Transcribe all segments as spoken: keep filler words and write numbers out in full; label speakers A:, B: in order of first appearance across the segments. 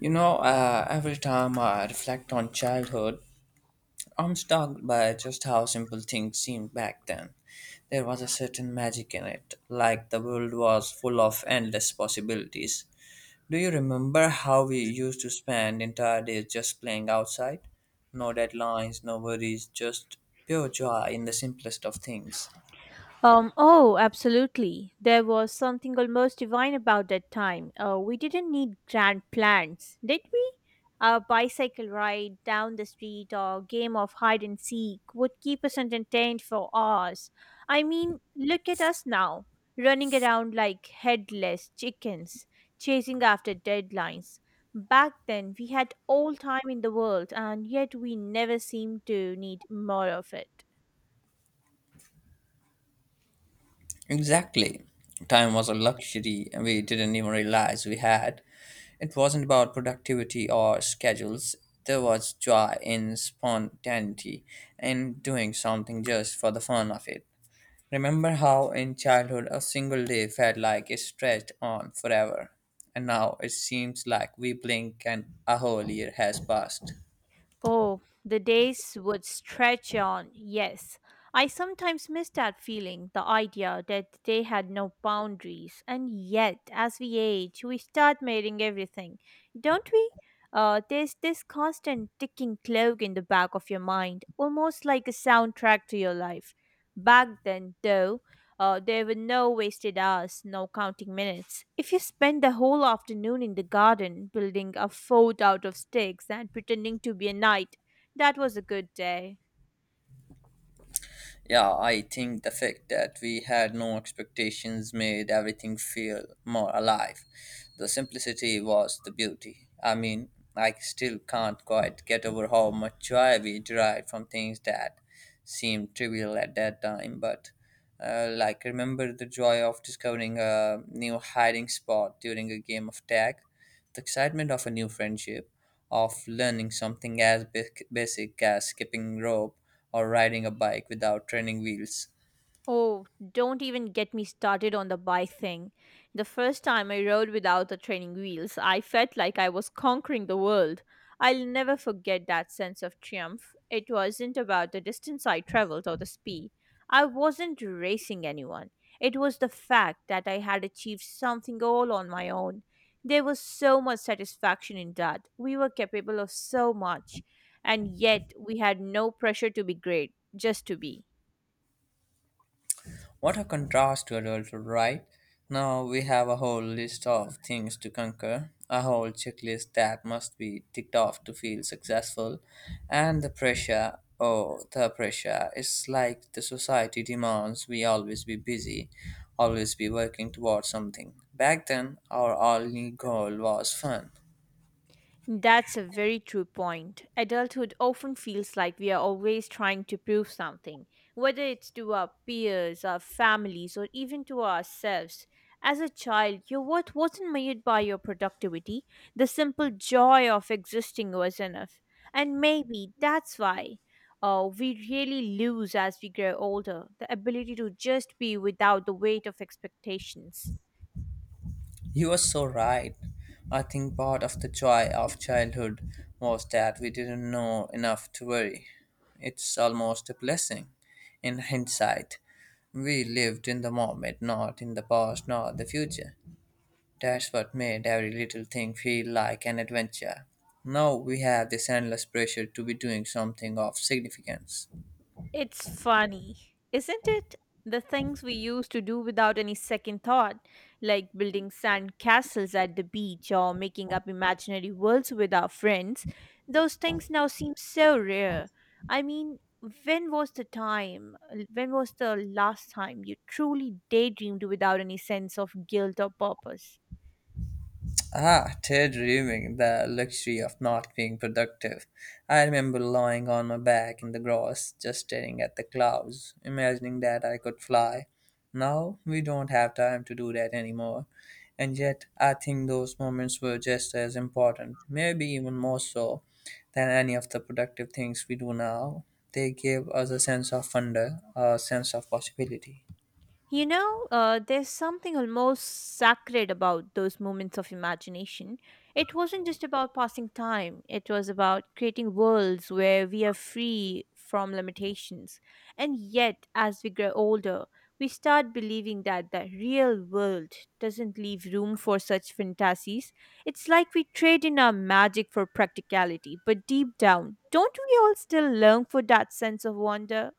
A: You know, uh, every time I reflect on childhood, I'm struck by just how simple things seemed back then. There was a certain magic in it, like the world was full of endless possibilities. Do you remember how we used to spend entire days just playing outside? No deadlines, no worries, just pure joy in the simplest of things.
B: Um, oh, Absolutely. There was something almost divine about that time. Uh, we didn't need grand plans, did we? A bicycle ride down the street or a game of hide and seek would keep us entertained for hours. I mean, look at us now, running around like headless chickens, chasing after deadlines. Back then, we had all time in the world, and yet we never seemed to need more of it.
A: Exactly. Time was a luxury we didn't even realize we had. It wasn't about productivity or schedules. There was joy in spontaneity and doing something just for the fun of it. Remember how in childhood a single day felt like it stretched on forever, and now it seems like we blink and a whole year has passed.
B: Oh, the days would stretch on, yes. I sometimes miss that feeling, the idea that they had no boundaries. And yet, as we age, we start measuring everything, don't we? Uh, there's this constant ticking clock in the back of your mind, almost like a soundtrack to your life. Back then, though, uh, there were no wasted hours, no counting minutes. If you spent the whole afternoon in the garden, building a fort out of sticks and pretending to be a knight, that was a good day.
A: Yeah, I think the fact that we had no expectations made everything feel more alive. The simplicity was the beauty. I mean, I still can't quite get over how much joy we derived from things that seemed trivial at that time, but uh, like remember the joy of discovering a new hiding spot during a game of tag? The excitement of a new friendship, of learning something as ba- basic as skipping rope or riding a bike without training wheels.
B: Oh, don't even get me started on the bike thing. The first time I rode without the training wheels, I felt like I was conquering the world. I'll never forget that sense of triumph. It wasn't about the distance I traveled or the speed. I wasn't racing anyone. It was the fact that I had achieved something all on my own. There was so much satisfaction in that. We were capable of so much, and yet we had no pressure to be great, just to be.
A: What a contrast to adulthood, right? Now we have a whole list of things to conquer, a whole checklist that must be ticked off to feel successful, and the pressure. Oh, the pressure. It's like the society demands we always be busy, always be working towards something. Back then, our only goal was fun.
B: That's a very true point. Adulthood often feels like we are always trying to prove something, whether it's to our peers, our families, or even to ourselves. As a child, your worth wasn't measured by your productivity. The simple joy of existing was enough. And maybe that's why uh, we really lose as we grow older the ability to just be without the weight of expectations.
A: You are so right. I think part of the joy of childhood was that we didn't know enough to worry. It's almost a blessing in hindsight. We lived in the moment, not in the past, nor the future. That's what made every little thing feel like an adventure. Now we have this endless pressure to be doing something of significance.
B: It's funny, isn't it? The things we used to do without any second thought, like building sand castles at the beach or making up imaginary worlds with our friends, those things now seem so rare. I mean, when was the time, when was the last time you truly daydreamed without any sense of guilt or purpose?
A: Ah, daydreaming, the luxury of not being productive. I remember lying on my back in the grass, just staring at the clouds, imagining that I could fly. Now we don't have time to do that anymore. And yet, I think those moments were just as important, maybe even more so, than any of the productive things we do now. They gave us a sense of wonder, a sense of possibility.
B: You know, uh, there's something almost sacred about those moments of imagination. It wasn't just about passing time, it was about creating worlds where we are free from limitations. And yet, as we grow older, we start believing that the real world doesn't leave room for such fantasies. It's like we trade in our magic for practicality, but deep down, don't we all still long for that sense of wonder?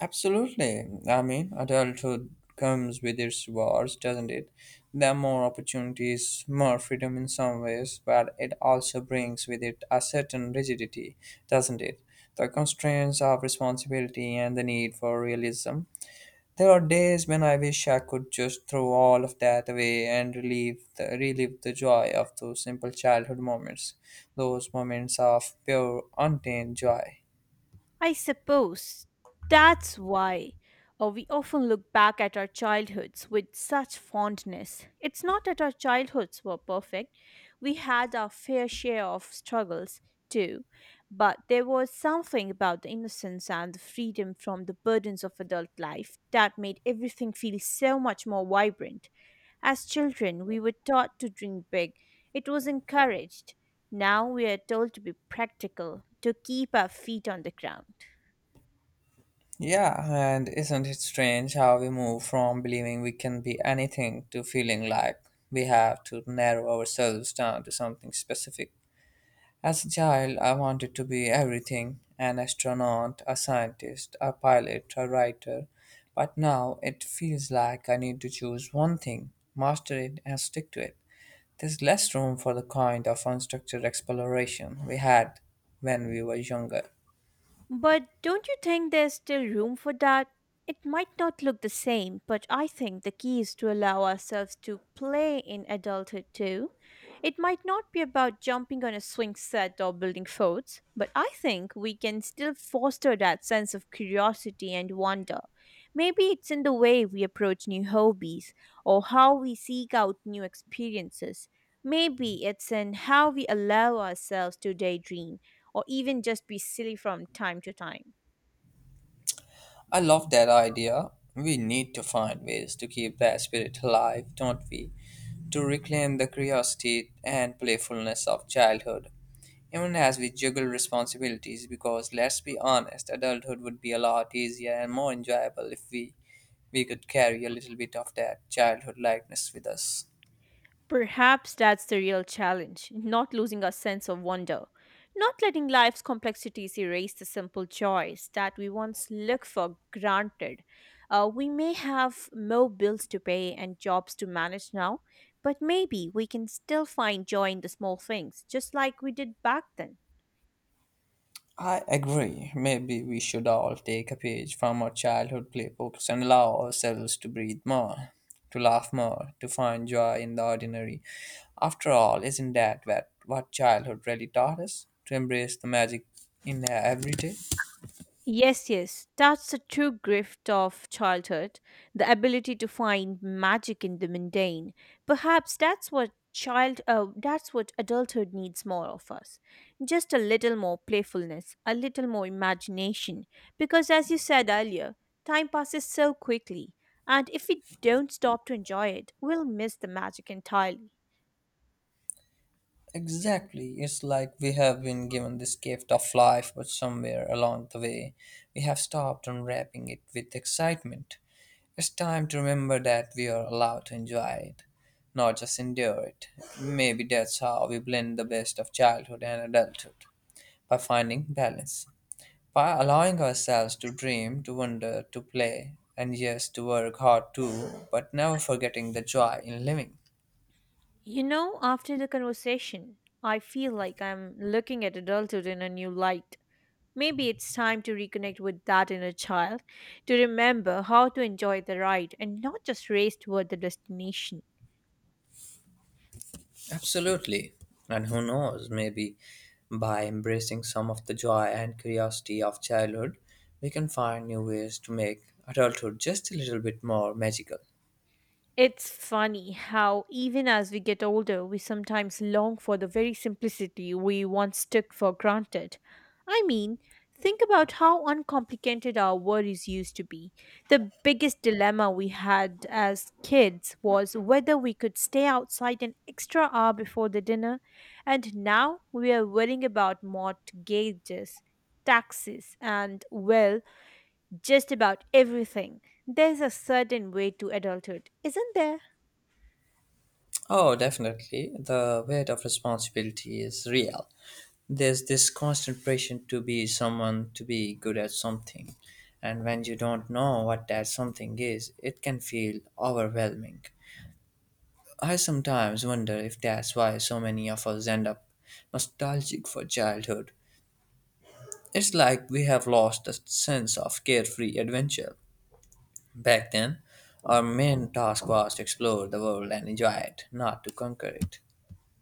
A: Absolutely. I mean, adulthood comes with its rewards, doesn't it? There are more opportunities, more freedom in some ways, but it also brings with it a certain rigidity, doesn't it? The constraints of responsibility and the need for realism. There are days when I wish I could just throw all of that away and relieve the, relive the joy of those simple childhood moments, those moments of pure, untamed joy.
B: I suppose that's why uh, we often look back at our childhoods with such fondness. It's not that our childhoods were perfect, we had our fair share of struggles too, but there was something about the innocence and the freedom from the burdens of adult life that made everything feel so much more vibrant. As children, we were taught to dream big. It was encouraged. Now we are told to be practical, to keep our feet on the ground.
A: Yeah, and isn't it strange how we move from believing we can be anything to feeling like we have to narrow ourselves down to something specific? As a child, I wanted to be everything an astronaut, a scientist, a pilot, a writer. But now it feels like I need to choose one thing, master it, and stick to it. There's less room for the kind of unstructured exploration we had when we were younger.
B: But don't you think there's still room for that? It might not look the same, but I think the key is to allow ourselves to play in adulthood too. It might not be about jumping on a swing set or building forts, but I think we can still foster that sense of curiosity and wonder. Maybe it's in the way we approach new hobbies or how we seek out new experiences. Maybe it's in how we allow ourselves to daydream or even just be silly from time to time.
A: I love that idea. We need to find ways to keep that spirit alive, don't we? To reclaim the curiosity and playfulness of childhood, even as we juggle responsibilities, because let's be honest, adulthood would be a lot easier and more enjoyable if we, we could carry a little bit of that childhood lightness with us.
B: Perhaps that's the real challenge, not losing our sense of wonder, not letting life's complexities erase the simple joys that we once look for granted. Uh, we may have more bills to pay and jobs to manage now, but maybe we can still find joy in the small things, just like we did back then.
A: I agree. Maybe we should all take a page from our childhood playbooks and allow ourselves to breathe more, to laugh more, to find joy in the ordinary. After all, isn't that what, what childhood really taught us? To embrace the magic in every day?
B: Yes, yes, that's the true gift of childhood, the ability to find magic in the mundane. Perhaps that's what child uh, that's what adulthood needs more of us, just a little more playfulness, a little more imagination, because as you said earlier, time passes so quickly, and if we don't stop to enjoy it, we'll miss the magic entirely.
A: Exactly. It's like we have been given this gift of life, but somewhere along the way, we have stopped unwrapping it with excitement. It's time to remember that we are allowed to enjoy it, not just endure it. Maybe that's how we blend the best of childhood and adulthood by finding balance, by allowing ourselves to dream, to wonder, to play, and yes, to work hard too, but never forgetting the joy in living.
B: You know, after the conversation, I feel like I'm looking at adulthood in a new light. Maybe it's time to reconnect with that inner child, to remember how to enjoy the ride and not just race toward the destination.
A: Absolutely. And who knows, maybe by embracing some of the joy and curiosity of childhood, we can find new ways to make adulthood just a little bit more magical.
B: It's funny how, even as we get older, we sometimes long for the very simplicity we once took for granted. I mean, think about how uncomplicated our worries used to be. The biggest dilemma we had as kids was whether we could stay outside an extra hour before the dinner, and now we are worrying about mortgages, taxes, and, well, just about everything. There's a certain way to adulthood, isn't there?
A: Oh, definitely. The weight of responsibility is real. There's this constant pressure to be someone, to be good at something. And when you don't know what that something is, it can feel overwhelming. I sometimes wonder if that's why so many of us end up nostalgic for childhood. It's like we have lost the sense of carefree adventure. Back then, our main task was to explore the world and enjoy it, not to conquer it.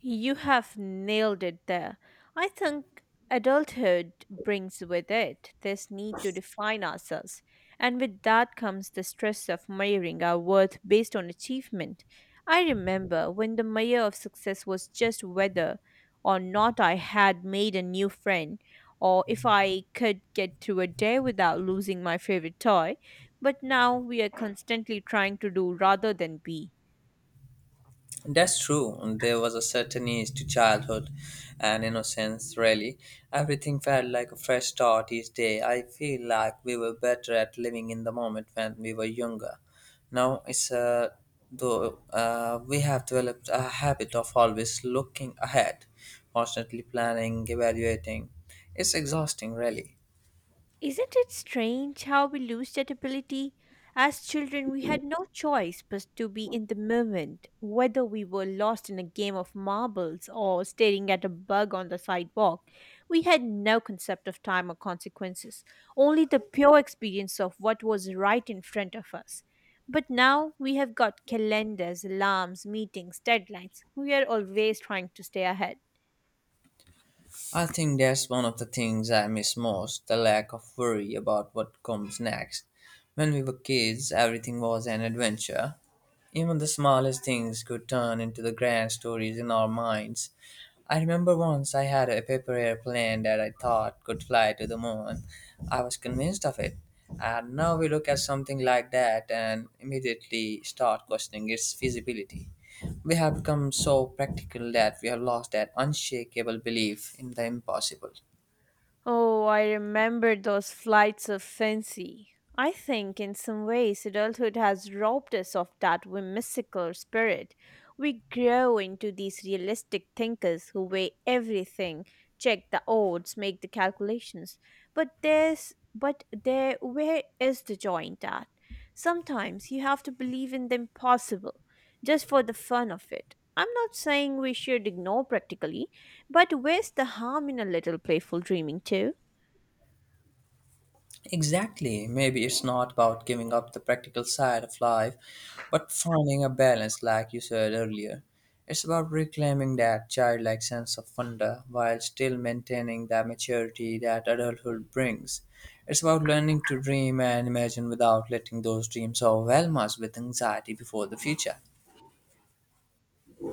B: You have nailed it there. I think adulthood brings with it this need to define ourselves, and with that comes the stress of measuring our worth based on achievement. I remember when the measure of success was just whether or not I had made a new friend, or if I could get through a day without losing my favorite toy. But now we are constantly trying to do rather than be.
A: That's true. There was a certain ease to childhood and innocence, really. Everything felt like a fresh start each day. I feel like we were better at living in the moment when we were younger. Now it's uh, though uh, we have developed a habit of always looking ahead, constantly planning, evaluating. It's exhausting, really.
B: Isn't it strange how we lose that ability? As children, we had no choice but to be in the moment, whether we were lost in a game of marbles or staring at a bug on the sidewalk. We had no concept of time or consequences, only the pure experience of what was right in front of us. But now we have got calendars, alarms, meetings, deadlines. We are always trying to stay ahead.
A: I think that's one of the things I miss most the lack of worry about what comes next. When we were kids, everything was an adventure. Even the smallest things could turn into the grand stories in our minds. I remember once I had a paper airplane that I thought could fly to the moon. I was convinced of it. And now we look at something like that and immediately start questioning its feasibility. We have become so practical that we have lost that unshakable belief in the impossible.
B: Oh, I remember those flights of fancy. I think in some ways adulthood has robbed us of that whimsical spirit. We grow into these realistic thinkers who weigh everything, check the odds, make the calculations. But there's but there where is the joy in that? Sometimes you have to believe in the impossible just for the fun of it. I'm not saying we should ignore practically, but where's the harm in a little playful dreaming too?
A: Exactly. Maybe it's not about giving up the practical side of life, but finding a balance, like you said earlier. It's about reclaiming that childlike sense of wonder while still maintaining the maturity that adulthood brings. It's about learning to dream and imagine without letting those dreams overwhelm us with anxiety before the future.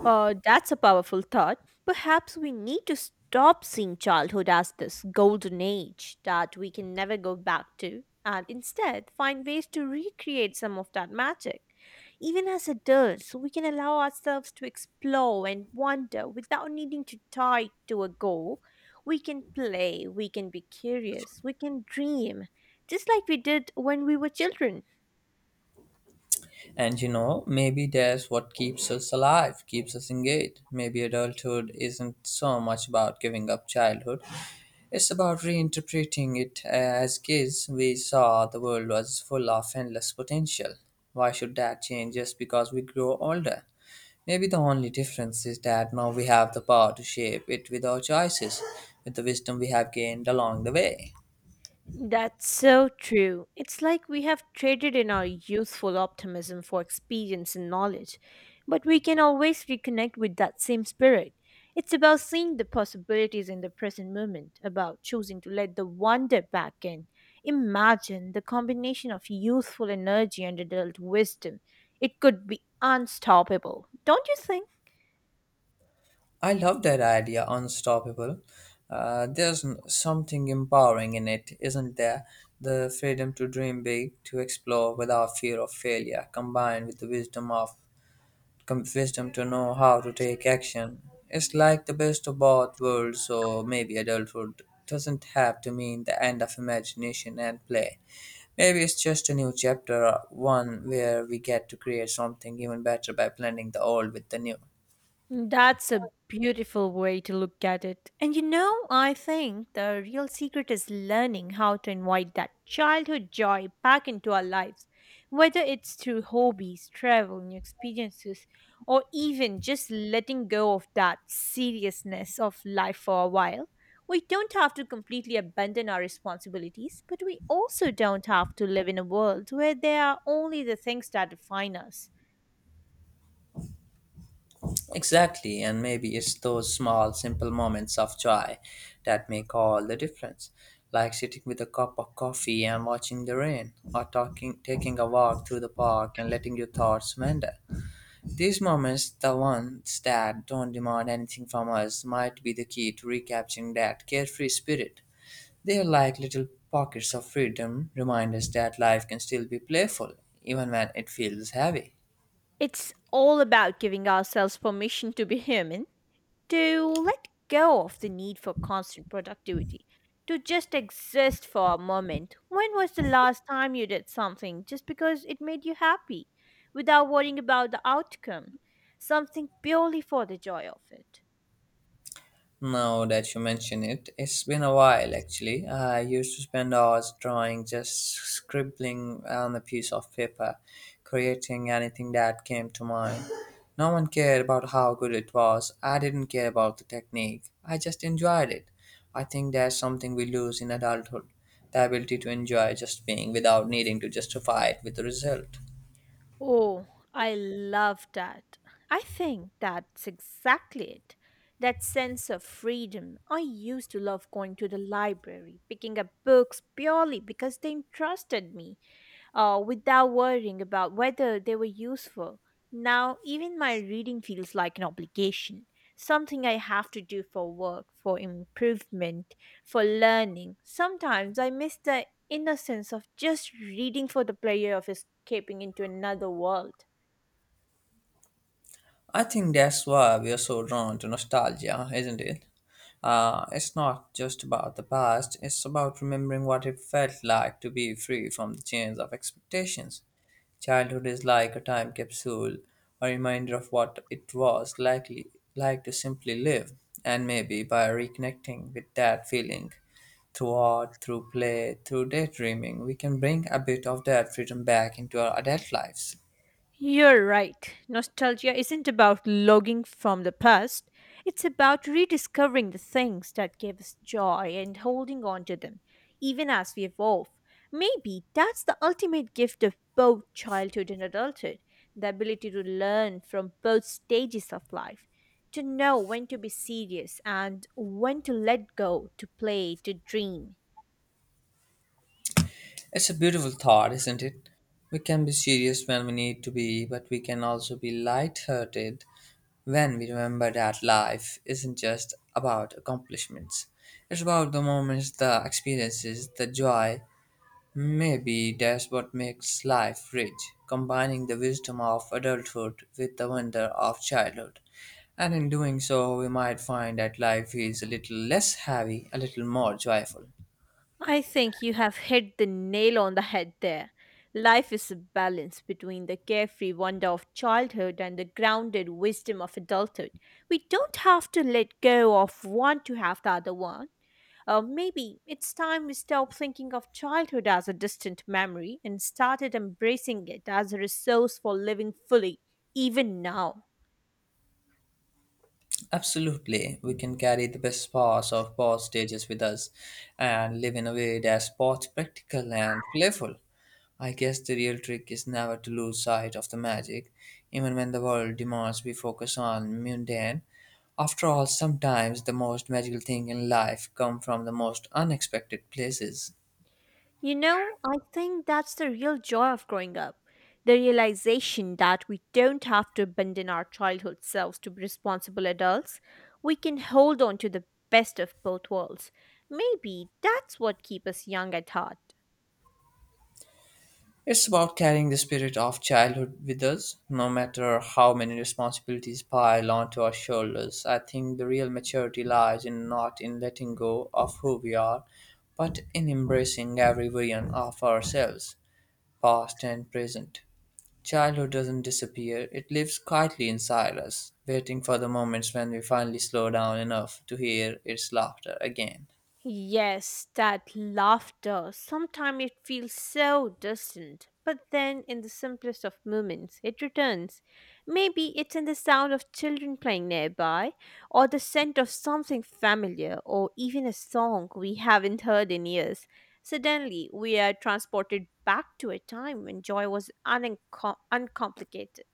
B: Uh, that's a powerful thought. Perhaps we need to stop seeing childhood as this golden age that we can never go back to and instead find ways to recreate some of that magic. Even as adults, we can allow ourselves to explore and wonder without needing to tie to a goal. We can play, we can be curious, we can dream, just like we did when we were children.
A: And you know, maybe that's what keeps us alive, keeps us engaged. Maybe adulthood isn't so much about giving up childhood It's about reinterpreting it as kids we saw the world was full of endless potential. Why should that change just because we grow older? Maybe the only difference is that now we have the power to shape it with our choices, with the wisdom we have gained along the way.
B: That's so true. It's like we have traded in our youthful optimism for experience and knowledge, but we can always reconnect with that same spirit. It's about seeing the possibilities in the present moment, about choosing to let the wonder back in. Imagine the combination of youthful energy and adult wisdom. It could be unstoppable, don't you think?
A: I love that idea, unstoppable. Uh, there's n- something empowering in it, isn't there? The freedom to dream big, to explore without fear of failure, combined with the wisdom of com- wisdom to know how to take action. It's like the best of both worlds, so maybe adulthood doesn't have to mean the end of imagination and play. Maybe it's just a new chapter, uh, one where we get to create something even better by blending the old with the new.
B: That's a beautiful way to look at it. And you know, I think the real secret is learning how to invite that childhood joy back into our lives, whether it's through hobbies, travel, new experiences, or even just letting go of that seriousness of life for a while. We don't have to completely abandon our responsibilities, but we also don't have to live in a world where there are only the things that define us.
A: Exactly, and maybe it's those small, simple moments of joy that make all the difference. Like sitting with a cup of coffee and watching the rain, or talking, taking a walk through the park and letting your thoughts wander. These moments, the ones that don't demand anything from us, might be the key to recapturing that carefree spirit. They are like little pockets of freedom, remind us that life can still be playful, even when it feels heavy.
B: It's all about giving ourselves permission to be human, to let go of the need for constant productivity, to just exist for a moment. When was the last time you did something just because it made you happy, without worrying about the outcome? Something purely for the joy of it.
A: Now that you mention it, it's been a while actually. I used to spend hours drawing, just scribbling on a piece of paper, creating anything that came to mind. No one cared about how good it was. I didn't care about the technique. I just enjoyed it. I think that's something we lose in adulthood the ability to enjoy just being without needing to justify it with a result.
B: Oh, I love that. I think that's exactly it. That sense of freedom. I used to love going to the library, picking up books purely because they interested me, uh, without worrying about whether they were useful. Now, even my reading feels like an obligation, something I have to do for work, for improvement, for learning. Sometimes I miss the innocence of just reading for the pleasure of escaping into another world.
A: I think that's why we are so drawn to nostalgia, isn't it? Uh, it's not just about the past, it's about remembering what it felt like to be free from the chains of expectations. Childhood is like a time capsule, a reminder of what it was likely like to simply live, and maybe by reconnecting with that feeling through art, through play, through daydreaming, we can bring a bit of that freedom back into our adult lives.
B: You're right. Nostalgia isn't about logging from the past, it's about rediscovering the things that gave us joy and holding on to them, even as we evolve. Maybe that's the ultimate gift of both childhood and adulthood, the ability to learn from both stages of life, to know when to be serious and when to let go, to play, to dream.
A: It's a beautiful thought, isn't it? We can be serious when we need to be, but we can also be light-hearted when we remember that life isn't just about accomplishments. It's about the moments, the experiences, the joy. Maybe that's what makes life rich, combining the wisdom of adulthood with the wonder of childhood. And in doing so, we might find that life is a little less heavy, a little more joyful.
B: I think you have hit the nail on the head there. Life is a balance between the carefree wonder of childhood and the grounded wisdom of adulthood. We don't have to let go of one to have the other one. Uh, maybe it's time we stop thinking of childhood as a distant memory and started embracing it as a resource for living fully, even now.
A: Absolutely, we can carry the best parts of both stages with us and live in a way that's both practical and playful. I guess the real trick is never to lose sight of the magic, even when the world demands we focus on mundane. After all, sometimes the most magical thing in life come from the most unexpected places.
B: You know, I think that's the real joy of growing up. The realization that we don't have to abandon our childhood selves to be responsible adults. We can hold on to the best of both worlds. Maybe that's what keeps us young at heart.
A: It's about carrying the spirit of childhood with us, no matter how many responsibilities pile onto our shoulders. I think the real maturity lies in not in letting go of who we are, but in embracing every version of ourselves, past and present. Childhood doesn't disappear, it lives quietly inside us, waiting for the moments when we finally slow down enough to hear its laughter again.
B: Yes, that laughter. Sometimes it feels so distant, but then in the simplest of moments, it returns. Maybe it's in the sound of children playing nearby, or the scent of something familiar, or even a song we haven't heard in years. Suddenly, we are transported back to a time when joy was unencom- uncomplicated.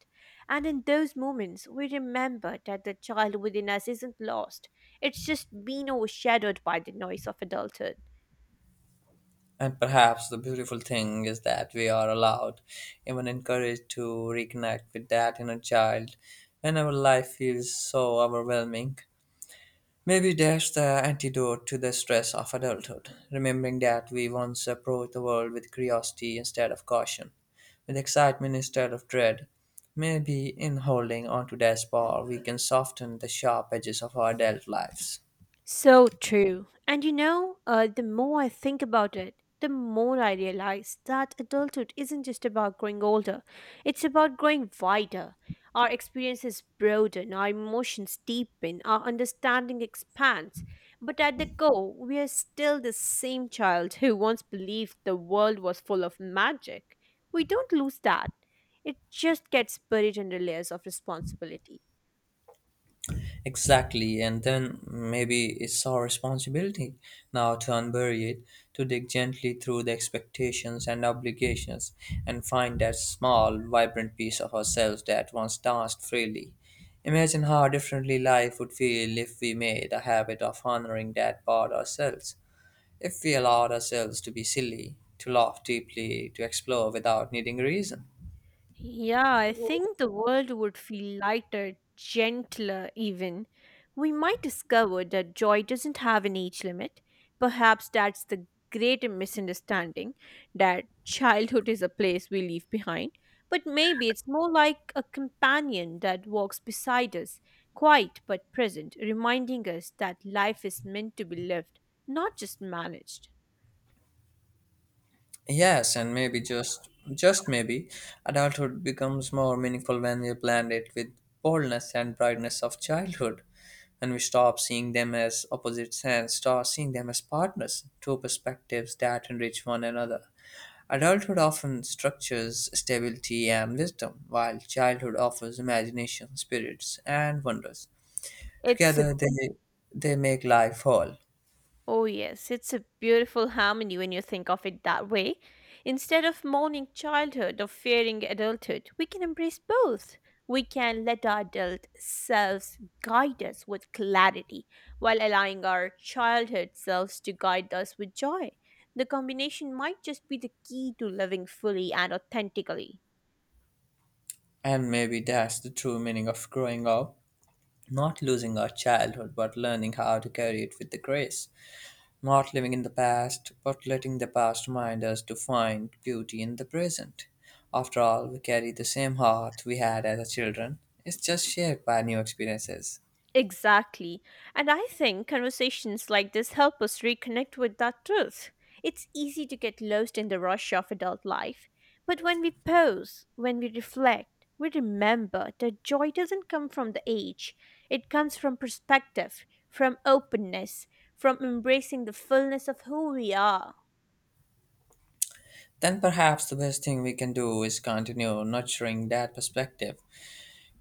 B: And in those moments, we remember that the child within us isn't lost. It's just been overshadowed by the noise of adulthood.
A: And perhaps the beautiful thing is that we are allowed, even encouraged, to reconnect with that inner child whenever life feels so overwhelming. Maybe that's the antidote to the stress of adulthood, remembering that we once approached the world with curiosity instead of caution, with excitement instead of dread. Maybe in holding onto that spark, we can soften the sharp edges of our adult lives.
B: So true. And you know, uh, the more I think about it, the more I realize that adulthood isn't just about growing older, it's about growing wider. Our experiences broaden, our emotions deepen, our understanding expands. But at the core, we are still the same child who once believed the world was full of magic. We don't lose that. It just gets buried under layers of responsibility.
A: Exactly, and then maybe it's our responsibility now to unbury it, to dig gently through the expectations and obligations, and find that small, vibrant piece of ourselves that once danced freely. Imagine how differently life would feel if we made a habit of honoring that part ourselves, if we allowed ourselves to be silly, to laugh deeply, to explore without needing a reason.
B: Yeah, I think the world would feel lighter, gentler, even. We might discover that joy doesn't have an age limit. Perhaps that's the great misunderstanding that childhood is a place we leave behind. But maybe it's more like a companion that walks beside us, quiet but present, reminding us that life is meant to be lived, not just managed.
A: Yes, and maybe just just maybe adulthood becomes more meaningful when we blend it with boldness and brightness of childhood. And we stop seeing them as opposites and start seeing them as partners, two perspectives that enrich one another. Adulthood often structures stability and wisdom, while childhood offers imagination, spirits, and wonders.
B: It's a,
A: Together they they make life whole.
B: oh yes, it's a beautiful harmony when you think of it that way. Instead of mourning childhood or fearing adulthood, we can embrace both. We can let our adult selves guide us with clarity while allowing our childhood selves to guide us with joy. The combination might just be the key to living fully and authentically.
A: And maybe that's the true meaning of growing up. Not losing our childhood, but learning how to carry it with the grace. Not living in the past, but letting the past remind us to find beauty in the present. After all, we carry the same heart we had as children. It's just shaped by new experiences.
B: Exactly. And I think conversations like this help us reconnect with that truth. It's easy to get lost in the rush of adult life. But when we pause, when we reflect, we remember that joy doesn't come from the age, it comes from perspective, from openness, from embracing the fullness of who we are.
A: Then perhaps the best thing we can do is continue nurturing that perspective.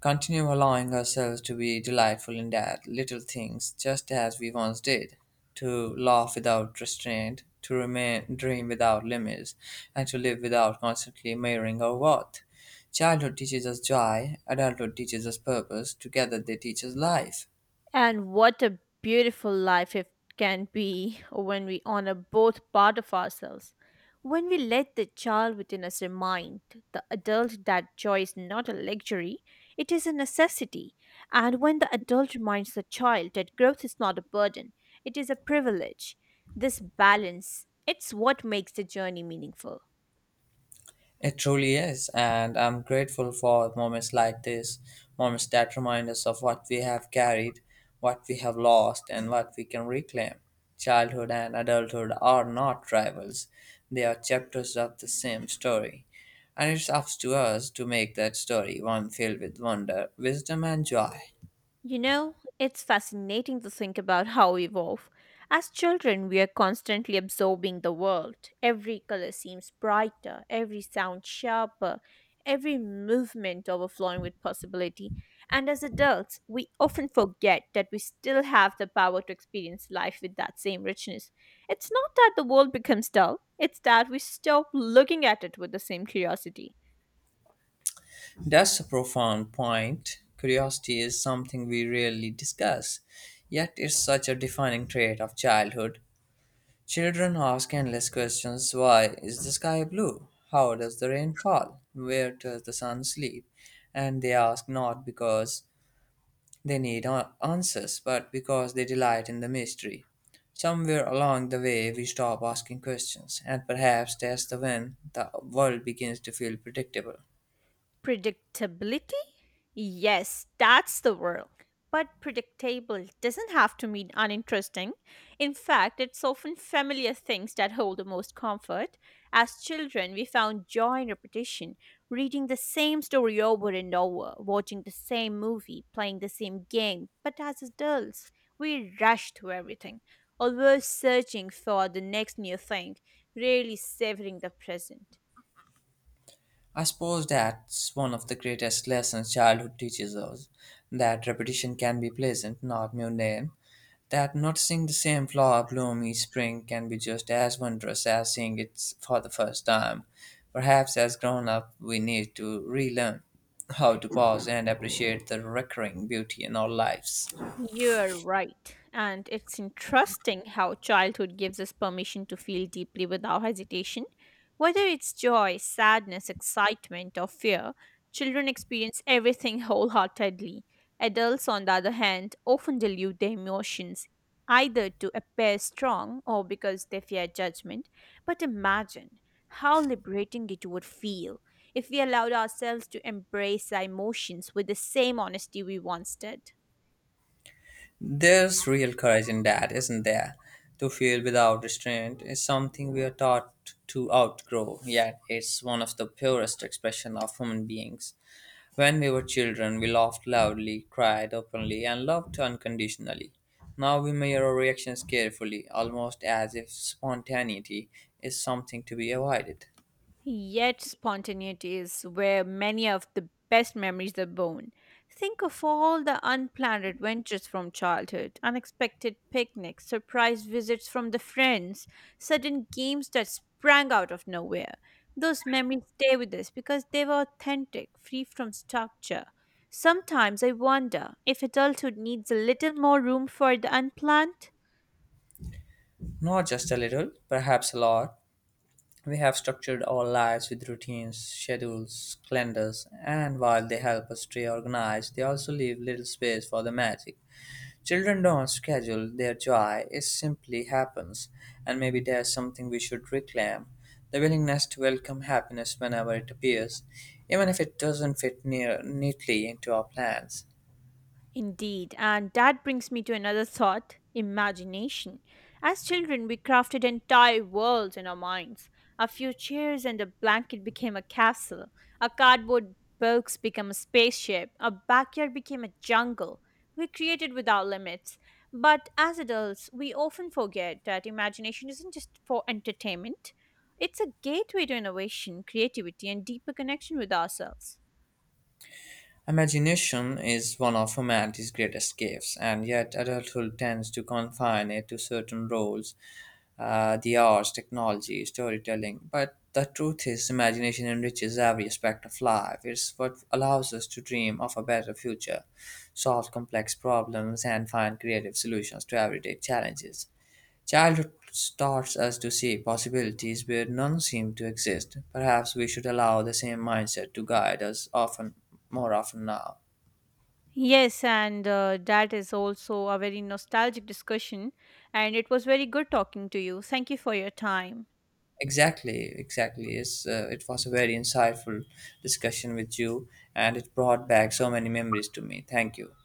A: Continue allowing ourselves to be delightful in that little things, just as we once did. To laugh without restraint, to remain, dream without limits, and to live without constantly measuring our worth. Childhood teaches us joy, adulthood teaches us purpose, together they teach us life.
B: And what a beautiful life it can be when we honor both part of ourselves. When we let the child within us remind the adult that joy is not a luxury, it is a necessity. And when the adult reminds the child that growth is not a burden, it is a privilege. This balance, it's what makes the journey meaningful.
A: It truly is, and I'm grateful for moments like this, moments that remind us of what we have carried, what we have lost, and what we can reclaim. Childhood and adulthood are not rivals, they are chapters of the same story. And it's up to us to make that story one filled with wonder, wisdom, and joy.
B: You know, it's fascinating to think about how we evolve. As children, we are constantly absorbing the world. Every color seems brighter, every sound sharper, every movement overflowing with possibility. And as adults, we often forget that we still have the power to experience life with that same richness. It's not that the world becomes dull, it's that we stop looking at it with the same curiosity.
A: That's a profound point. Curiosity is something we rarely discuss, yet it's such a defining trait of childhood. Children ask endless questions. Why is the sky blue? How does the rain fall? Where does the sun sleep? And they ask not because they need a- answers, but because they delight in the mystery. Somewhere along the way, we stop asking questions, and perhaps that's the when the world begins to feel predictable.
B: Predictability? Yes, that's the word. But predictable doesn't have to mean uninteresting. In fact, it's often familiar things that hold the most comfort. As children, we found joy in repetition, reading the same story over and over, watching the same movie, playing the same game. But as adults, we rush through everything, always searching for the next new thing, rarely savoring the present.
A: I suppose that's one of the greatest lessons childhood teaches us, that repetition can be pleasant, not mundane. That noticing the same flower bloom each spring can be just as wondrous as seeing it for the first time. Perhaps as grown up, we need to relearn how to pause and appreciate the recurring beauty in our lives.
B: You're right. And it's interesting how childhood gives us permission to feel deeply without hesitation. Whether it's joy, sadness, excitement, or fear, children experience everything wholeheartedly. Adults, on the other hand, often dilute their emotions either to appear strong or because they fear judgment. But imagine how liberating it would feel if we allowed ourselves to embrace our emotions with the same honesty we once did.
A: There's real courage in that, isn't there? To feel without restraint is something we are taught to outgrow, yet it's one of the purest expression of human beings. When we were children, we laughed loudly, cried openly, and loved unconditionally. Now we measure our reactions carefully, almost as if spontaneity is something to be avoided.
B: Yet spontaneity is where many of the best memories are born. Think of all the unplanned adventures from childhood, unexpected picnics, surprise visits from the friends, sudden games that sprang out of nowhere. Those memories stay with us because they were authentic, free from structure. Sometimes I wonder if adulthood needs a little more room for the unplanned.
A: Not just a little, perhaps a lot. We have structured our lives with routines, schedules, calendars, and while they help us stay organized, they also leave little space for the magic. Children don't schedule their joy, it simply happens, and maybe there's something we should reclaim, the willingness to welcome happiness whenever it appears, even if it doesn't fit near, neatly into our plans.
B: Indeed, and that brings me to another thought imagination. As children, we crafted entire worlds in our minds. A few chairs and a blanket became a castle, a cardboard box became a spaceship, a backyard became a jungle. We created without limits. But as adults, we often forget that imagination isn't just for entertainment, it's a gateway to innovation, creativity, and deeper connection with ourselves.
A: Imagination is one of humanity's greatest gifts, and yet adulthood tends to confine it to certain roles, uh, the arts, technology, storytelling. But the truth is, imagination enriches every aspect of life. It's what allows us to dream of a better future, solve complex problems, and find creative solutions to everyday challenges. Childhood starts us to see possibilities where none seem to exist. Perhaps we should allow the same mindset to guide us often, more often now.
B: Yes, and uh, that is also a very nostalgic discussion, and it was very good talking to you. Thank you for your time.
A: Exactly, exactly. It's, uh, it was a very insightful discussion with you, and it brought back so many memories to me. Thank you.